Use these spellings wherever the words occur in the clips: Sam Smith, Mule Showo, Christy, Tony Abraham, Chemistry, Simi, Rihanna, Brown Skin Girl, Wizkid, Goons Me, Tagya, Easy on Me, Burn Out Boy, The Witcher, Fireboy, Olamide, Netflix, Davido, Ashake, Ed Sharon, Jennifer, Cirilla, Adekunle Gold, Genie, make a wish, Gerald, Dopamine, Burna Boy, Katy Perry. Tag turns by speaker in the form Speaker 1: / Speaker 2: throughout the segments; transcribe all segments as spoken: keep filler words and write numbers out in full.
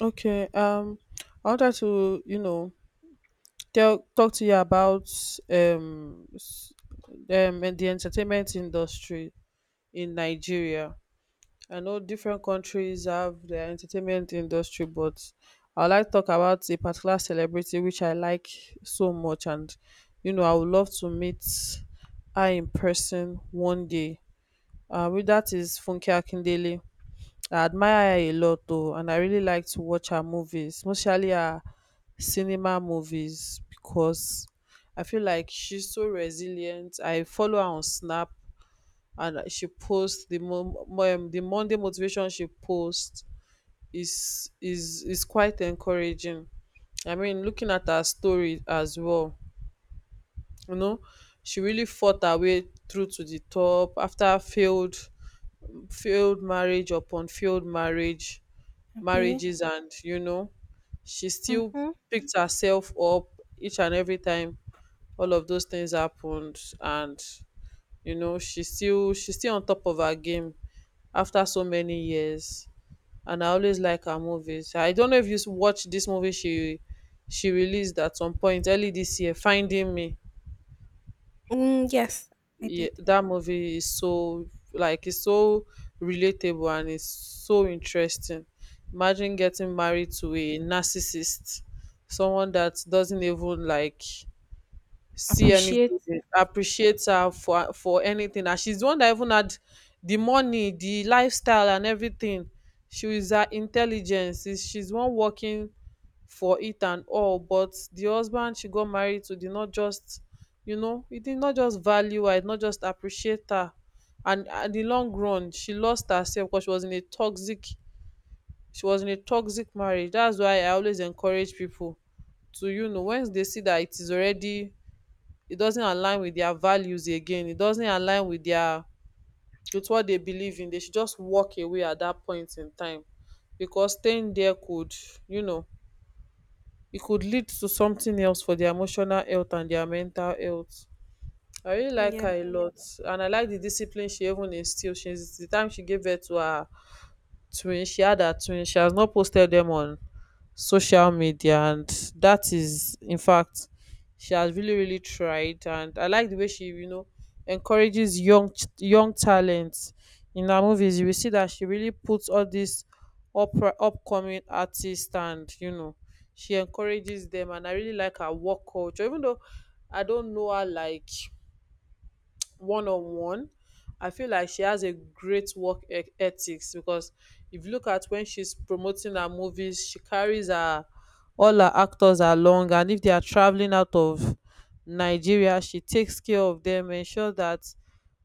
Speaker 1: Okay. Um, I wanted to, you know, tell talk to you about um, s- um and the entertainment industry in Nigeria. I know different countries have their entertainment industry, but I like to talk about a particular celebrity which I like so much, and you know, I would love to meet her in person one day. Uh, with that is Funke Akindele. I admire her a lot though, and I really like to watch her movies, mostly her cinema movies, because I feel like she's so resilient. I follow her on Snap, and she posts the mo- mo- um, the Monday motivation she posts is is is quite encouraging. I mean, looking at her story as well, you know, she really fought her way through to the top after failed failed marriage upon failed marriage
Speaker 2: Okay.
Speaker 1: marriages and you know she still
Speaker 2: Mm-hmm.
Speaker 1: picked herself up each and every time all of those things happened. And you know she still she's still on top of her game after so many years. And I always like her movies. I don't know if you s- watch this movie she she released at some point early this year, Finding Me.
Speaker 2: Mm, yes, I
Speaker 1: Yeah,
Speaker 2: did
Speaker 1: that movie is so, like, it's so relatable and it's so interesting. Imagine getting married to a narcissist, someone that doesn't even like see any
Speaker 2: appreciate.
Speaker 1: good, appreciate her for for anything, and she's the one that even had the money, the lifestyle, and everything. She is, her intelligence is, she's one working for it and all, but the husband she got married to did not just, you know he did not just value her, he did not just appreciate her. And at the long run, she lost herself because she was in a toxic, she was in a toxic marriage. That's why I always encourage people to, you know once they see that it is already, it doesn't align with their values again, it doesn't align with their, with what they believe in, they should just walk away at that point in time, because staying there could, you know it could lead to something else for their emotional health and their mental health. I really like
Speaker 2: Yeah.
Speaker 1: her a lot. And I like the discipline she even instilled since the time she gave birth to her twin. She had her twin. She has not posted them on social media, and that is, in fact, she has really really tried. And I like the way she, you know encourages young ch- young talents in her movies. You will see that she really puts all these opera upcoming artists, and you know she encourages them. And I really like her work culture, even though I don't know her like one on one, I feel like she has a great work e- ethics because if you look at when she's promoting her movies, she carries her all her actors along. And if they are traveling out of Nigeria, she takes care of them, ensure that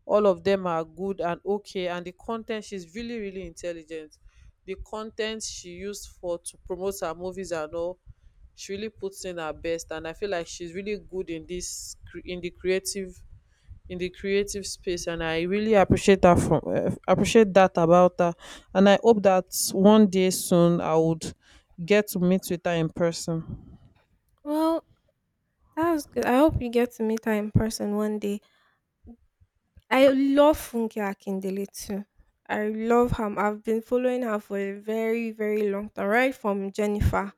Speaker 1: all of them are good and okay. And the content, she's really really intelligent, the content she used for to promote her movies and all, she really puts in her best. And I feel like she's really good in this cre- in the creative in the creative space. And I really appreciate that from uh, appreciate that about her. And I hope that one day soon I would get to meet with her in person.
Speaker 2: Well, that was good. I hope you get to meet her in person one day. I love Funke Akindele too. I love her. I've been following her for a very, very long time, right from Jennifer.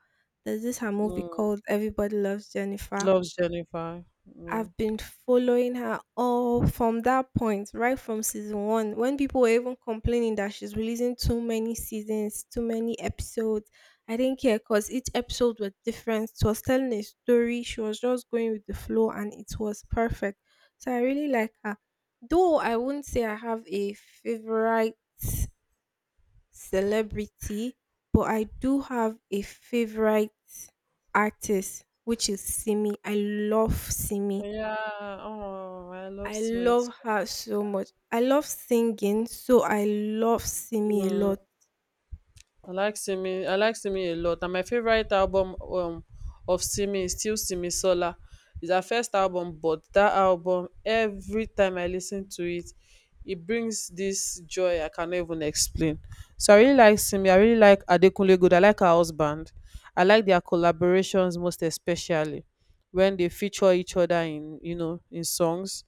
Speaker 2: There's this her movie
Speaker 1: Mm.
Speaker 2: called Everybody Loves Jennifer.
Speaker 1: Loves Jennifer. Yeah.
Speaker 2: I've been following her all from that point, right from season one, when people were even complaining that she's releasing too many seasons, too many episodes. I didn't care because each episode was different. She was telling a story, she was just going with the flow, and it was perfect. So I really like her. Though I wouldn't say I have a favorite celebrity, but I do have a favorite artist, which is Simi. I love Simi.
Speaker 1: yeah. Oh, I love
Speaker 2: I
Speaker 1: Smith.
Speaker 2: love her so much. I love singing, so I love Simi a
Speaker 1: Mm.
Speaker 2: lot.
Speaker 1: I like Simi. I like Simi a lot. And my favorite album um of Simi is still Simi Sola. It's her first album, but that album, every time I listen to it, it brings this joy I cannot even explain. So I really like Simi. I really like Adekunle Gold. I like her husband. I like their collaborations, most especially when they feature each other in you know in songs.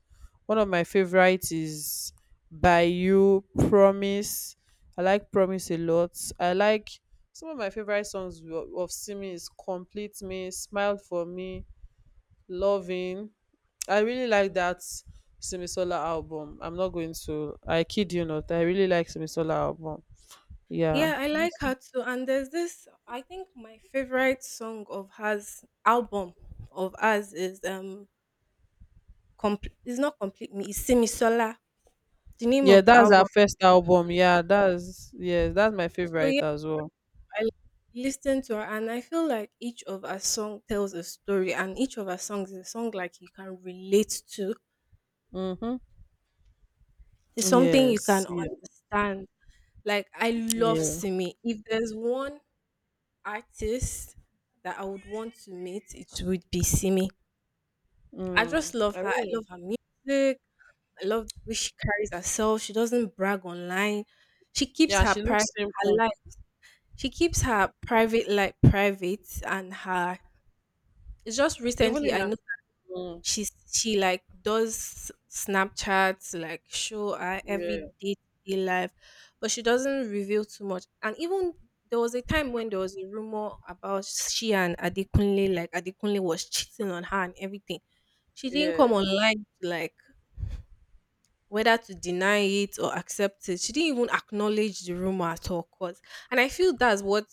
Speaker 1: One of my favorites is By You, Promise. I like Promise a lot. I like some of my favorite songs wo- of Simi is Complete Me, Smile for Me, Loving. I really like that Simisola album. I'm not going to I kid you not. I really like Simisola album. Yeah.
Speaker 2: Yeah, I like her too. And there's this, I think my favorite song of hers, album of hers is um, complete. It's not complete me. It's Simi Sola. The name
Speaker 1: Yeah,
Speaker 2: of the
Speaker 1: that's her
Speaker 2: album.
Speaker 1: first album. Yeah, that's yes, that's my
Speaker 2: So
Speaker 1: favorite
Speaker 2: yeah,
Speaker 1: as well.
Speaker 2: I listen to her, and I feel like each of her song tells a story, and each of her songs is a song like you can relate to.
Speaker 1: Mm-hmm.
Speaker 2: It's something you
Speaker 1: Yes.
Speaker 2: can
Speaker 1: Yeah.
Speaker 2: understand. Like I love
Speaker 1: Yeah.
Speaker 2: Simi. If there's one artist that I would want to meet, it would be Simi. I
Speaker 1: Mm.
Speaker 2: just love
Speaker 1: I
Speaker 2: her. I
Speaker 1: really
Speaker 2: love her music. I love the way she carries herself. She doesn't brag online. She keeps
Speaker 1: Yeah,
Speaker 2: her
Speaker 1: she
Speaker 2: private
Speaker 1: looks
Speaker 2: her
Speaker 1: simple.
Speaker 2: life. She keeps her private life private and her. It's just
Speaker 1: Even
Speaker 2: recently
Speaker 1: in her
Speaker 2: I.
Speaker 1: Mm,
Speaker 2: She's she like does Snapchats, like show her
Speaker 1: yeah.
Speaker 2: every day to day life, but she doesn't reveal too much. And even there was a time when there was a rumor about she and Adekunle, like Adekunle was cheating on her and everything. She didn't
Speaker 1: Yeah.
Speaker 2: come online to like whether to deny it or accept it. She didn't even acknowledge the rumor at all. Cause, and I feel that's what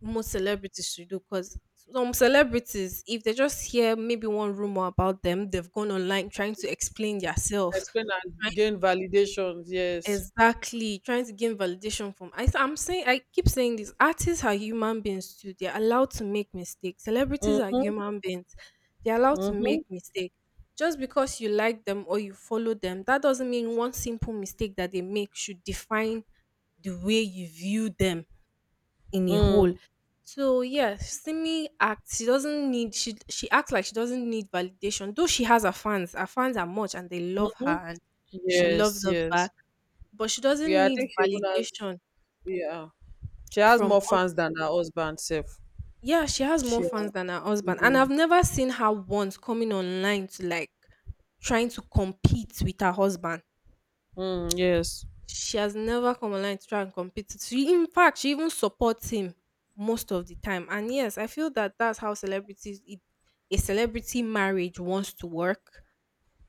Speaker 2: most celebrities should do. Cause some celebrities, if they just hear maybe one rumor about them, they've gone online trying to explain themselves.
Speaker 1: Explain and gain validations. Yes.
Speaker 2: Exactly, trying to gain validation from. I, I'm saying I keep saying this artists are human beings too. They're allowed to make mistakes. Celebrities are
Speaker 1: Mm-hmm.
Speaker 2: human beings. They're allowed to
Speaker 1: Mm-hmm.
Speaker 2: make mistakes. Just because you like them or you follow them, that doesn't mean one simple mistake that they make should define the way you view them in a whole.
Speaker 1: Mm.
Speaker 2: So yeah, Simi acts. She doesn't need. She she acts like she doesn't need validation. Though she has her fans. Her fans are much, and they love her,
Speaker 1: Mm-hmm.
Speaker 2: and she
Speaker 1: Yes.
Speaker 2: loves her
Speaker 1: Yes.
Speaker 2: back, but she doesn't
Speaker 1: Yeah, I
Speaker 2: need
Speaker 1: think she even has.
Speaker 2: validation
Speaker 1: Yeah, she has
Speaker 2: from
Speaker 1: more
Speaker 2: all.
Speaker 1: fans than her husband self.
Speaker 2: Yeah, she has
Speaker 1: She.
Speaker 2: more
Speaker 1: Yeah.
Speaker 2: fans than her husband, and
Speaker 1: Mm,
Speaker 2: I've never seen her once coming online to like trying to compete with her husband.
Speaker 1: mm, yes.
Speaker 2: She has never come online to try and compete. She in fact she even supports him most of the time. And yes, I feel that that's how celebrities, it, a celebrity marriage wants to work.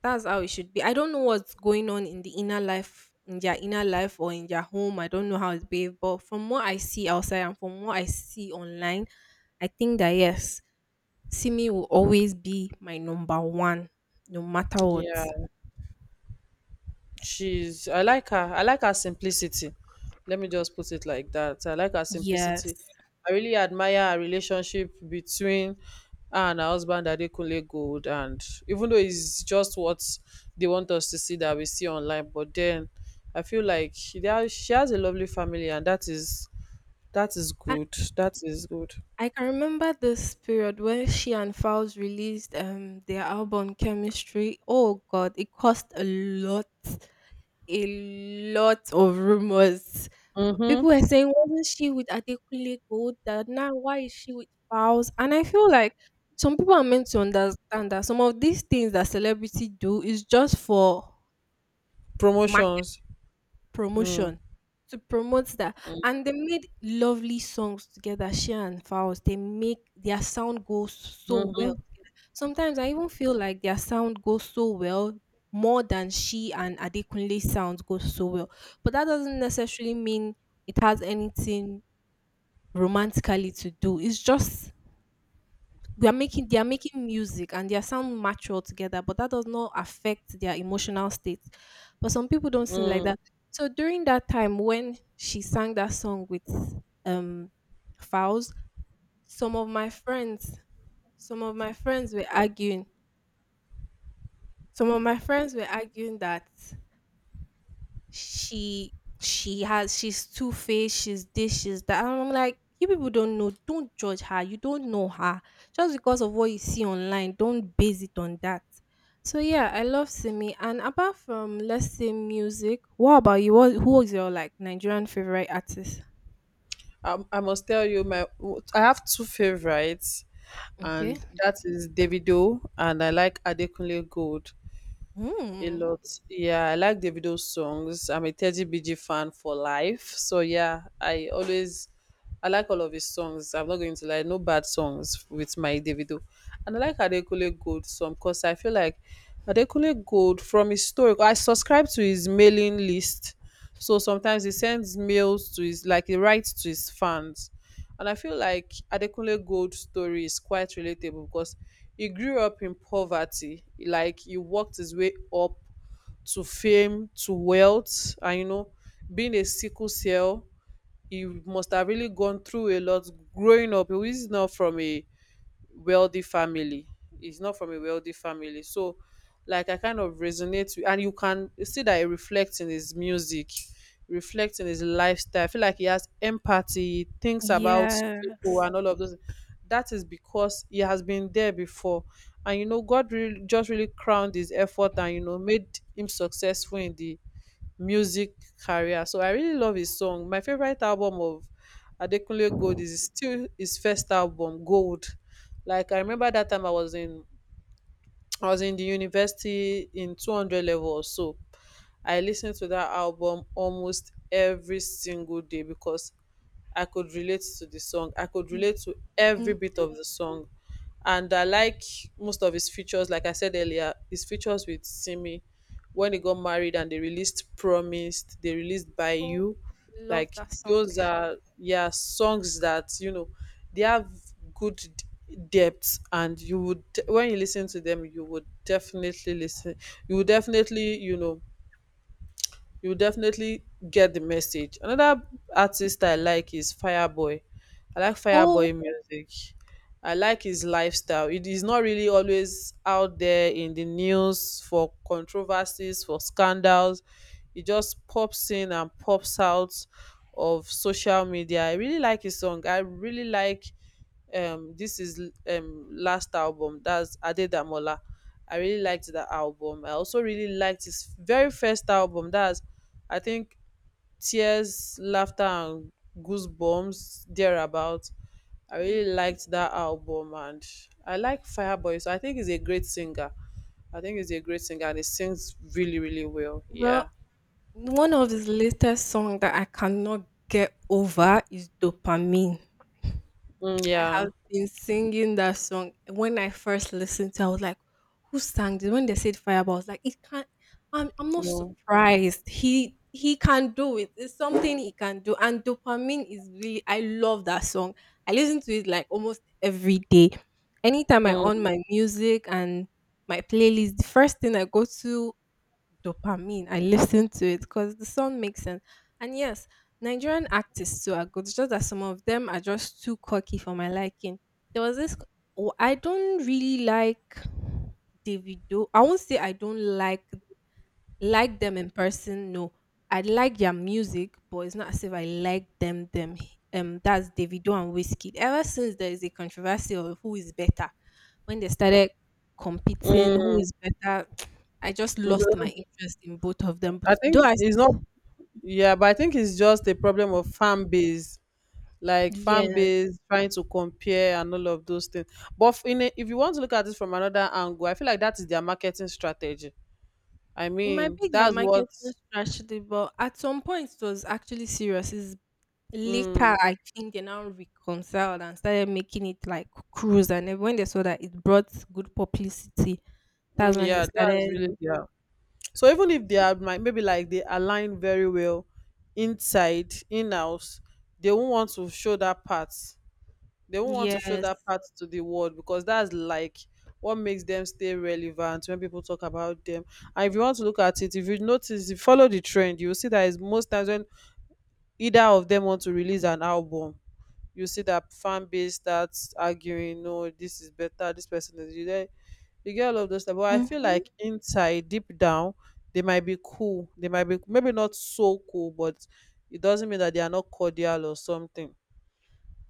Speaker 2: That's how it should be. I don't know what's going on in the inner life, in their inner life or in their home. I don't know how it's behaved, but from what I see outside and from what I see online, I think that yes, Simi will always be my number one, no matter what.
Speaker 1: Yeah. she's I like her I like her simplicity. Let me just put it like that. I like her simplicity.
Speaker 2: Yes.
Speaker 1: I really admire her relationship between her and her husband Adekunle Gold. And even though it's just what they want us to see that we see online, but then I feel like she, they are- she has a lovely family, and that is that is
Speaker 2: I,
Speaker 1: good, that is good.
Speaker 2: I can remember this period when she and Fowls released um their album Chemistry. Oh god, it cost a lot, a lot of rumors.
Speaker 1: Mm-hmm.
Speaker 2: People were saying, wasn't she with Adekunle Gold? That now why is she with Fowls? And I feel like some people are meant to understand that some of these things that celebrity do is just for market
Speaker 1: Promotions. Mm-hmm.
Speaker 2: promotion to promote that. And they made lovely songs together, she and Fowls. They make their sound go so well together. Sometimes I even feel like their sound goes so well more than she and Adekunle sound goes so well. But that doesn't necessarily mean it has anything romantically to do. It's just we are making they are making music and their sound mature together, but that does not affect their emotional state. But some people don't sing like
Speaker 1: Mm-hmm.
Speaker 2: that. So during that time when she sang that song with um Fowls, some of my friends, some of my friends were arguing. Some of my friends were arguing that she she has she's two faced, she's this, she's that. And I'm like, you people don't know, don't judge her. You don't know her. Just because of what you see online, don't base it on that. So yeah, I love Simi. And apart from let's say music, what about you? What who is your like Nigerian favorite artist?
Speaker 1: I, I must tell you, my I have two favorites,
Speaker 2: Okay.
Speaker 1: and that is Davido, and I like Adekunle Gold a
Speaker 2: Hmm.
Speaker 1: lot. Yeah, I like Davido's songs. I'm a Teddy B G fan for life. So yeah, I always I like all of his songs. I'm not going to lie, no bad songs with my Davido. And I like Adekunle Gold some because I feel like Adekunle Gold from his story. I subscribe to his mailing list. So sometimes he sends mails to his, like, he writes to his fans. And I feel like Adekunle Gold's story is quite relatable because he grew up in poverty. Like, he worked his way up to fame, to wealth, and you know, being a sickle cell, he must have really gone through a lot growing up. He was not from a wealthy family. He's not from a wealthy family. So like I kind of resonate with, and you can see that it reflects in his music, reflects in his lifestyle. I feel like he has empathy, thinks about people
Speaker 2: Yes.
Speaker 1: and all of those. That is because he has been there before. And you know, God really just really crowned his effort, and you know made him successful in the music career. So I really love his song. My favorite album of Adekunle Gold is still his first album, Gold. Like I remember that time, I was in I was in the university in two hundred level or so. I listened to that album almost every single day because I could relate to the song. I could relate to every
Speaker 2: Mm.
Speaker 1: bit of the song. And I like most of his features. Like I said earlier, his features with Simi when they got married and they released Promised, they released By
Speaker 2: Oh,
Speaker 1: You,
Speaker 2: love
Speaker 1: like,
Speaker 2: that song.
Speaker 1: those are, yeah, songs that you know they have good d- depth. And you would when you listen to them, you would definitely listen you would definitely you know you would definitely get the message. Another artist I like is Fireboy. I like
Speaker 2: Oh,
Speaker 1: Fireboy music. I like his lifestyle. It is not really always out there in the news for controversies, for scandals. It just pops in and pops out of social media. I really like his song. I really like um this is um last album, that's Adedamola. I really liked that album. I also really liked his very first album, that's, I think, Tears, Laughter, and Goosebumps, thereabout. I really liked that album, and I like Fireboy. So I think he's a great singer. I think he's a great singer, and he sings really, really well.
Speaker 2: well,
Speaker 1: Yeah.
Speaker 2: one of his latest song that I cannot get over is "Dopamine."
Speaker 1: Mm,
Speaker 2: I have
Speaker 1: yeah.
Speaker 2: been singing that song. When I first listened to it, I was like, who sang this? When they said Fireball, I was like, it can't. I'm I'm not
Speaker 1: Mm,
Speaker 2: surprised. He he can do it. It's something he can do. And dopamine is really I love that song. I listen to it like almost every day. Anytime I on
Speaker 1: mm,
Speaker 2: my music and my playlist, the first thing I go to dopamine. I listen to it because the song makes sense. And yes, Nigerian artists too are good. It's just that some of them are just too cocky for my liking. There was this. Oh, I don't really like Davido. I won't say I don't like like them in person, no. I like their music, but it's not as if I like them them. Um that's Davido and Whiskey. Ever since there is a controversy of who is better, when they started competing who
Speaker 1: mm.
Speaker 2: is better, I just lost my
Speaker 1: Mhm.
Speaker 2: interest in both of them, but
Speaker 1: I think
Speaker 2: though I
Speaker 1: it's not.
Speaker 2: still.
Speaker 1: Yeah, but I think it's just a problem of fan base, like fan
Speaker 2: Yes,
Speaker 1: base trying to compare and all of those things. But f- in a, if you want to look at it from another angle, I feel like that is their marketing strategy. I
Speaker 2: it might
Speaker 1: mean,
Speaker 2: be their
Speaker 1: that's
Speaker 2: marketing
Speaker 1: what.
Speaker 2: strategy, but at some point it was actually serious. It's later
Speaker 1: Mm,
Speaker 2: I think they now reconciled and started making it like cruise, and then when they saw that it brought good publicity.
Speaker 1: mm,
Speaker 2: That's when they
Speaker 1: yeah, that's
Speaker 2: started.
Speaker 1: really yeah. So even if they are might maybe, like, they align very well inside in house, they won't want to show that part. They won't want to show
Speaker 2: Yes.
Speaker 1: that part to the world because that's like what makes them stay relevant when people talk about them. And if you want to look at it, if you notice, if you follow the trend, you will see that is most times when either of them want to release an album, you see that fan base starts arguing, no this is better, this person is, you get you get all of those stuff. But I feel
Speaker 2: Mhm.
Speaker 1: like inside deep down, they might be cool, they might be maybe not so cool, but it doesn't mean that they are not cordial or something.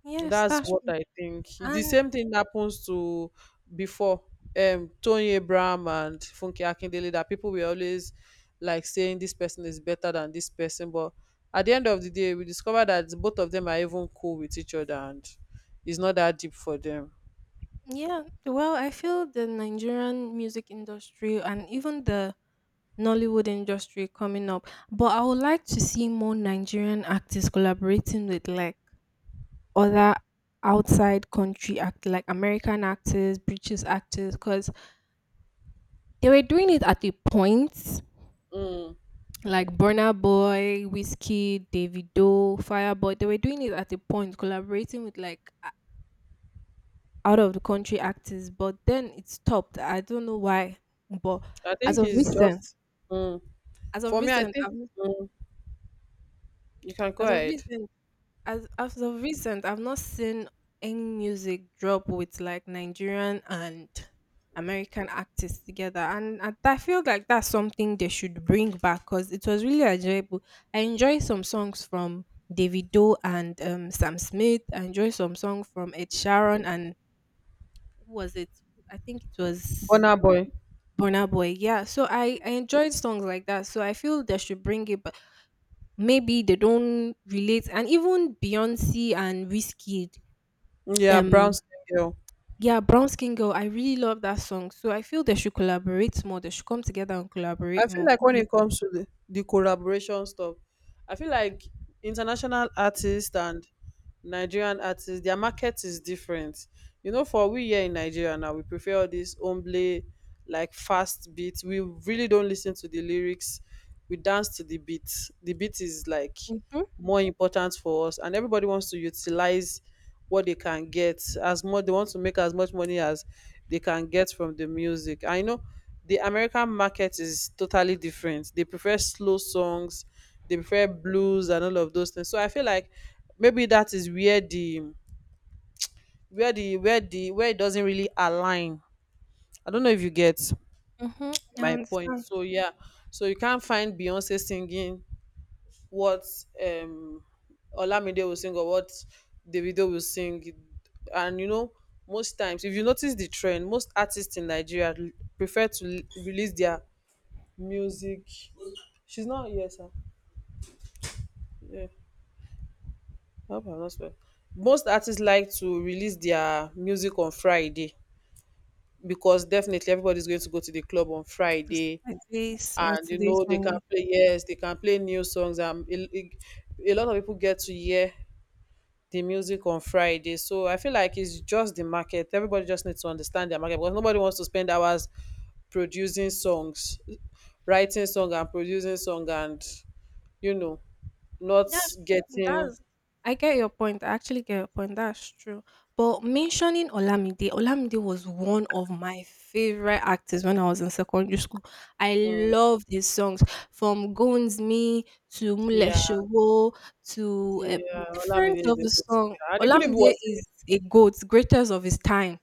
Speaker 2: Yes,
Speaker 1: That's
Speaker 2: that's
Speaker 1: what
Speaker 2: true.
Speaker 1: I think. The
Speaker 2: And
Speaker 1: same thing happens to before um Tony Abraham and Funke Akindele, that people were always like saying this person is better than this person, but at the end of the day, we discover that both of them are even cool with each other and it's not that deep for them.
Speaker 2: yeah, well, I feel the Nigerian music industry and even the Nollywood industry coming up, but I would like to see more Nigerian artists collaborating with like other outside country act like American actors, British actors, because they were doing it at a point,
Speaker 1: Mm.
Speaker 2: like Burna Boy, Whiskey, Davido, Fireboy. They were doing it at a point, collaborating with like out of the country actors, but then it stopped. I don't know why, but
Speaker 1: I
Speaker 2: as
Speaker 1: think
Speaker 2: of
Speaker 1: it's
Speaker 2: recent,
Speaker 1: just mm.
Speaker 2: as of
Speaker 1: for me. I
Speaker 2: recent,
Speaker 1: think
Speaker 2: I've,
Speaker 1: mm, You can go
Speaker 2: as of
Speaker 1: ahead.
Speaker 2: recent, as as of recent, I've not seen any music drop with like Nigerian and American artists together, and I, I feel like that's something they should bring back because it was really enjoyable. I enjoy some songs from Davido and um, Sam Smith. I enjoy some song from Ed Sharon and who was it? I think it was.
Speaker 1: Bonner boy,
Speaker 2: Burn Out Boy, yeah. So I I enjoyed songs like that. So I feel they should bring it, but maybe they don't relate. And even Beyonce and Wizkid,
Speaker 1: yeah, brown
Speaker 2: um,
Speaker 1: skin girl.
Speaker 2: yeah, Brown Skin Girl. I really love that song. So I feel they should collaborate more. They should come together and
Speaker 1: I
Speaker 2: collaborate
Speaker 1: feel
Speaker 2: more.
Speaker 1: like
Speaker 2: What
Speaker 1: when
Speaker 2: do you?
Speaker 1: it comes to the, the collaboration stuff, I feel like international artists and Nigerian artists, their market is different. You know, for we here in Nigeria now, we prefer all this omble, like fast beat. We really don't listen to the lyrics. We dance to the beat. The beat is like
Speaker 2: Mhm,
Speaker 1: more important for us, and everybody wants to utilize what they can get, as much they want to make as much money as they can get from the music. I know the American market is totally different. They prefer slow songs, they prefer blues and all of those things. So I feel like maybe that is where the where the where the where it doesn't really align. I don't know if you get
Speaker 2: mhm. I
Speaker 1: my point,
Speaker 2: understand.
Speaker 1: so yeah. So you can't find Beyonce singing what um Olamide will sing or what Davido will sing. And you know, most times, if you notice the trend, most artists in Nigeria l- prefer to l- release their music. She's not, yes, sir. Yeah, I hope I'm not spoil. Most artists like to release their music on Friday because definitely everybody's going to go to the club on
Speaker 2: It's
Speaker 1: Friday,
Speaker 2: Saturday,
Speaker 1: and you
Speaker 2: Saturday,
Speaker 1: know they can
Speaker 2: Sunday.
Speaker 1: play, yes, they can play new songs. Um, a, a a lot of people get to hear the music on Friday. So I feel like it's just the market. Everybody just needs to understand their market, because nobody wants to spend hours producing songs, writing song and producing song and you know not
Speaker 2: That's
Speaker 1: getting.
Speaker 2: that's I get your point. I actually get your point. That's true. But mentioning Olamide, Olamide was one of my favorite actors when I was in secondary school. I
Speaker 1: Mm,
Speaker 2: loved his songs from Goons Me to Mule
Speaker 1: yeah,
Speaker 2: Showo to um,
Speaker 1: yeah.
Speaker 2: different
Speaker 1: Olamide is
Speaker 2: of
Speaker 1: a
Speaker 2: the
Speaker 1: good
Speaker 2: song.
Speaker 1: singer. And even if it
Speaker 2: Olamide
Speaker 1: was,
Speaker 2: is a goat, greatest of his time.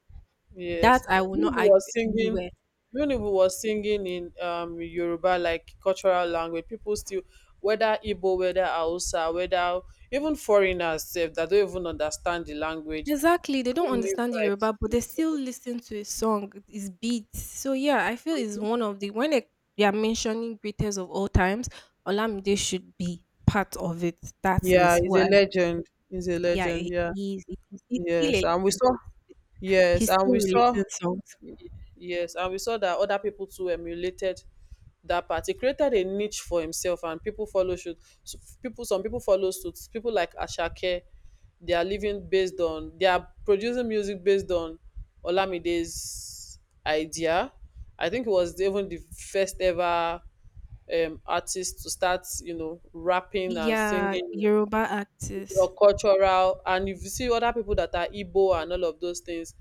Speaker 2: That
Speaker 1: yes.
Speaker 2: I will
Speaker 1: Even if
Speaker 2: not
Speaker 1: he
Speaker 2: argue
Speaker 1: was singing,
Speaker 2: anywhere.
Speaker 1: even if he was singing in um Yoruba like cultural language, people still, whether Igbo, whether Hausa, whether even foreigners sef that don't even understand the language,
Speaker 2: Exactly, they don't
Speaker 1: really
Speaker 2: understand
Speaker 1: vibes.
Speaker 2: Yoruba, but
Speaker 1: To. It.
Speaker 2: they
Speaker 1: So
Speaker 2: still listen to a song, its beats. So yeah, I feel it's one of the when they, they are mentioning greatest of all times, Olamide should be part of it. That
Speaker 1: yeah,
Speaker 2: is
Speaker 1: he's
Speaker 2: what
Speaker 1: a
Speaker 2: I.
Speaker 1: legend. He's a
Speaker 2: Yeah,
Speaker 1: legend,
Speaker 2: he
Speaker 1: yeah.
Speaker 2: he is he's, he's still a
Speaker 1: Yes. And we
Speaker 2: legend.
Speaker 1: saw yes,
Speaker 2: He's
Speaker 1: and
Speaker 2: still
Speaker 1: we saw
Speaker 2: releasing songs.
Speaker 1: yes, and we saw that other people too emulated that part. He created a niche for himself, and people follow suit. So people, some people follow suits. People like Ashake, they are living based on, they are producing music based on Olamide's idea. I think he was even the first ever um, artist to start, you know, rapping and
Speaker 2: Yeah,
Speaker 1: singing
Speaker 2: Yoruba
Speaker 1: your
Speaker 2: actors.
Speaker 1: cultural. And if you see other people that are Igbo and all of those things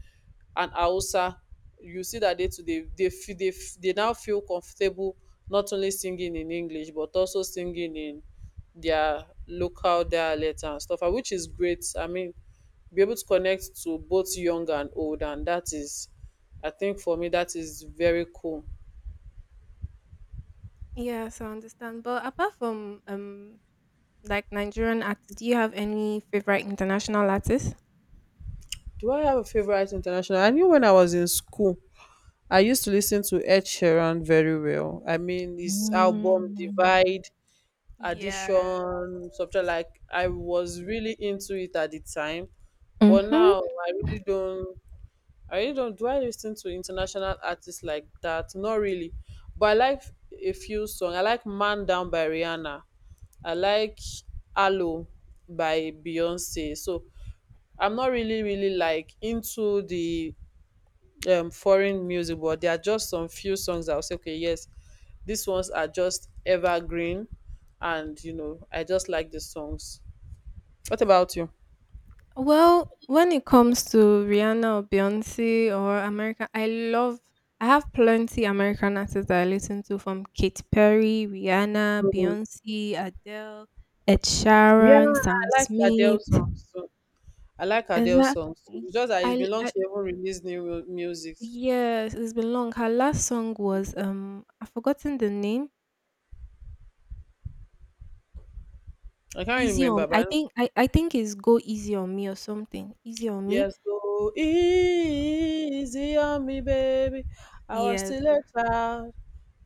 Speaker 1: and Hausa, you see that they too, they they feel they, f- they now feel comfortable not only singing in English but also singing in their local dialect and stuff, and which is great. I mean, be able to connect to both young and old, and that is, I think for me, that is very cool.
Speaker 2: Yes, I understand. But apart from um like Nigerian actors, do you have any favorite international artists?
Speaker 1: Do I have a favorite international? I knew when I was in school I used to listen to Ed Sheeran very well. I mean, his album
Speaker 2: Mm.
Speaker 1: Divide,
Speaker 2: Yeah.
Speaker 1: Addition, something like, I was really into it at the time. But
Speaker 2: Mhm.
Speaker 1: now I really don't. I really don't. Do I listen to international artists like that? Not really. But I like a few songs. I like Man Down by Rihanna. I like Aloe by Beyonce. So I'm not really, really like into the um foreign music, but there are just some few songs that I'll say, okay, yes, these ones are just evergreen, and you know, I just like the songs. What about you?
Speaker 2: Well, when it comes to Rihanna or Beyonce or America, I love I have plenty American artists that I listen to from Katy Perry, Rihanna,
Speaker 1: Mm.
Speaker 2: Beyonce, Adele, Ed
Speaker 1: Yeah,
Speaker 2: Sheeran, Sam
Speaker 1: I like Adele
Speaker 2: Smith.
Speaker 1: songs too. I like Adele
Speaker 2: Exactly.
Speaker 1: songs too. It's just that it's
Speaker 2: I,
Speaker 1: been long
Speaker 2: I
Speaker 1: she haven't released new mu- music.
Speaker 2: yes, it's been long. Her last song was um I've forgotten the name.
Speaker 1: I can't
Speaker 2: Easy
Speaker 1: remember,
Speaker 2: on
Speaker 1: but I
Speaker 2: I
Speaker 1: know,
Speaker 2: think I, I think it's Go Easy on Me or something. Easy on Me.
Speaker 1: yes, so easy on me baby, I was
Speaker 2: Yes.
Speaker 1: still a child.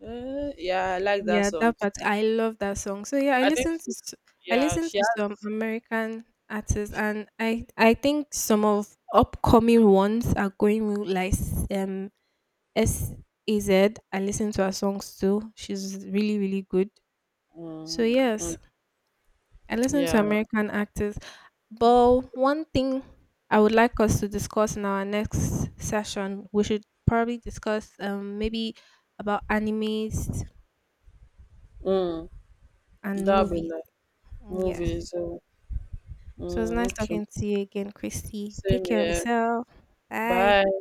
Speaker 1: Eh, yeah, I like that
Speaker 2: Yeah,
Speaker 1: song
Speaker 2: that
Speaker 1: too.
Speaker 2: part. I love that song. So yeah, I
Speaker 1: i think
Speaker 2: listen to
Speaker 1: she,
Speaker 2: s- I
Speaker 1: yeah
Speaker 2: listen
Speaker 1: she
Speaker 2: to some
Speaker 1: has.
Speaker 2: American artists, and I I think some of upcoming ones are going with like s- um S A Z. I listen to her songs too. She's really really good. So
Speaker 1: Mm, mm.
Speaker 2: yes, I listen to
Speaker 1: Yeah.
Speaker 2: American actors. But one thing I would like us to discuss in our next session, we should probably discuss um maybe about animes
Speaker 1: Mm.
Speaker 2: and
Speaker 1: That'll be
Speaker 2: movies.
Speaker 1: nice.
Speaker 2: Yes.
Speaker 1: Movies. Oh.
Speaker 2: So it was
Speaker 1: Mm,
Speaker 2: nice
Speaker 1: okay.
Speaker 2: talking to you again, Christy. Take
Speaker 1: Same
Speaker 2: care of
Speaker 1: here.
Speaker 2: yourself. Bye.
Speaker 1: Bye.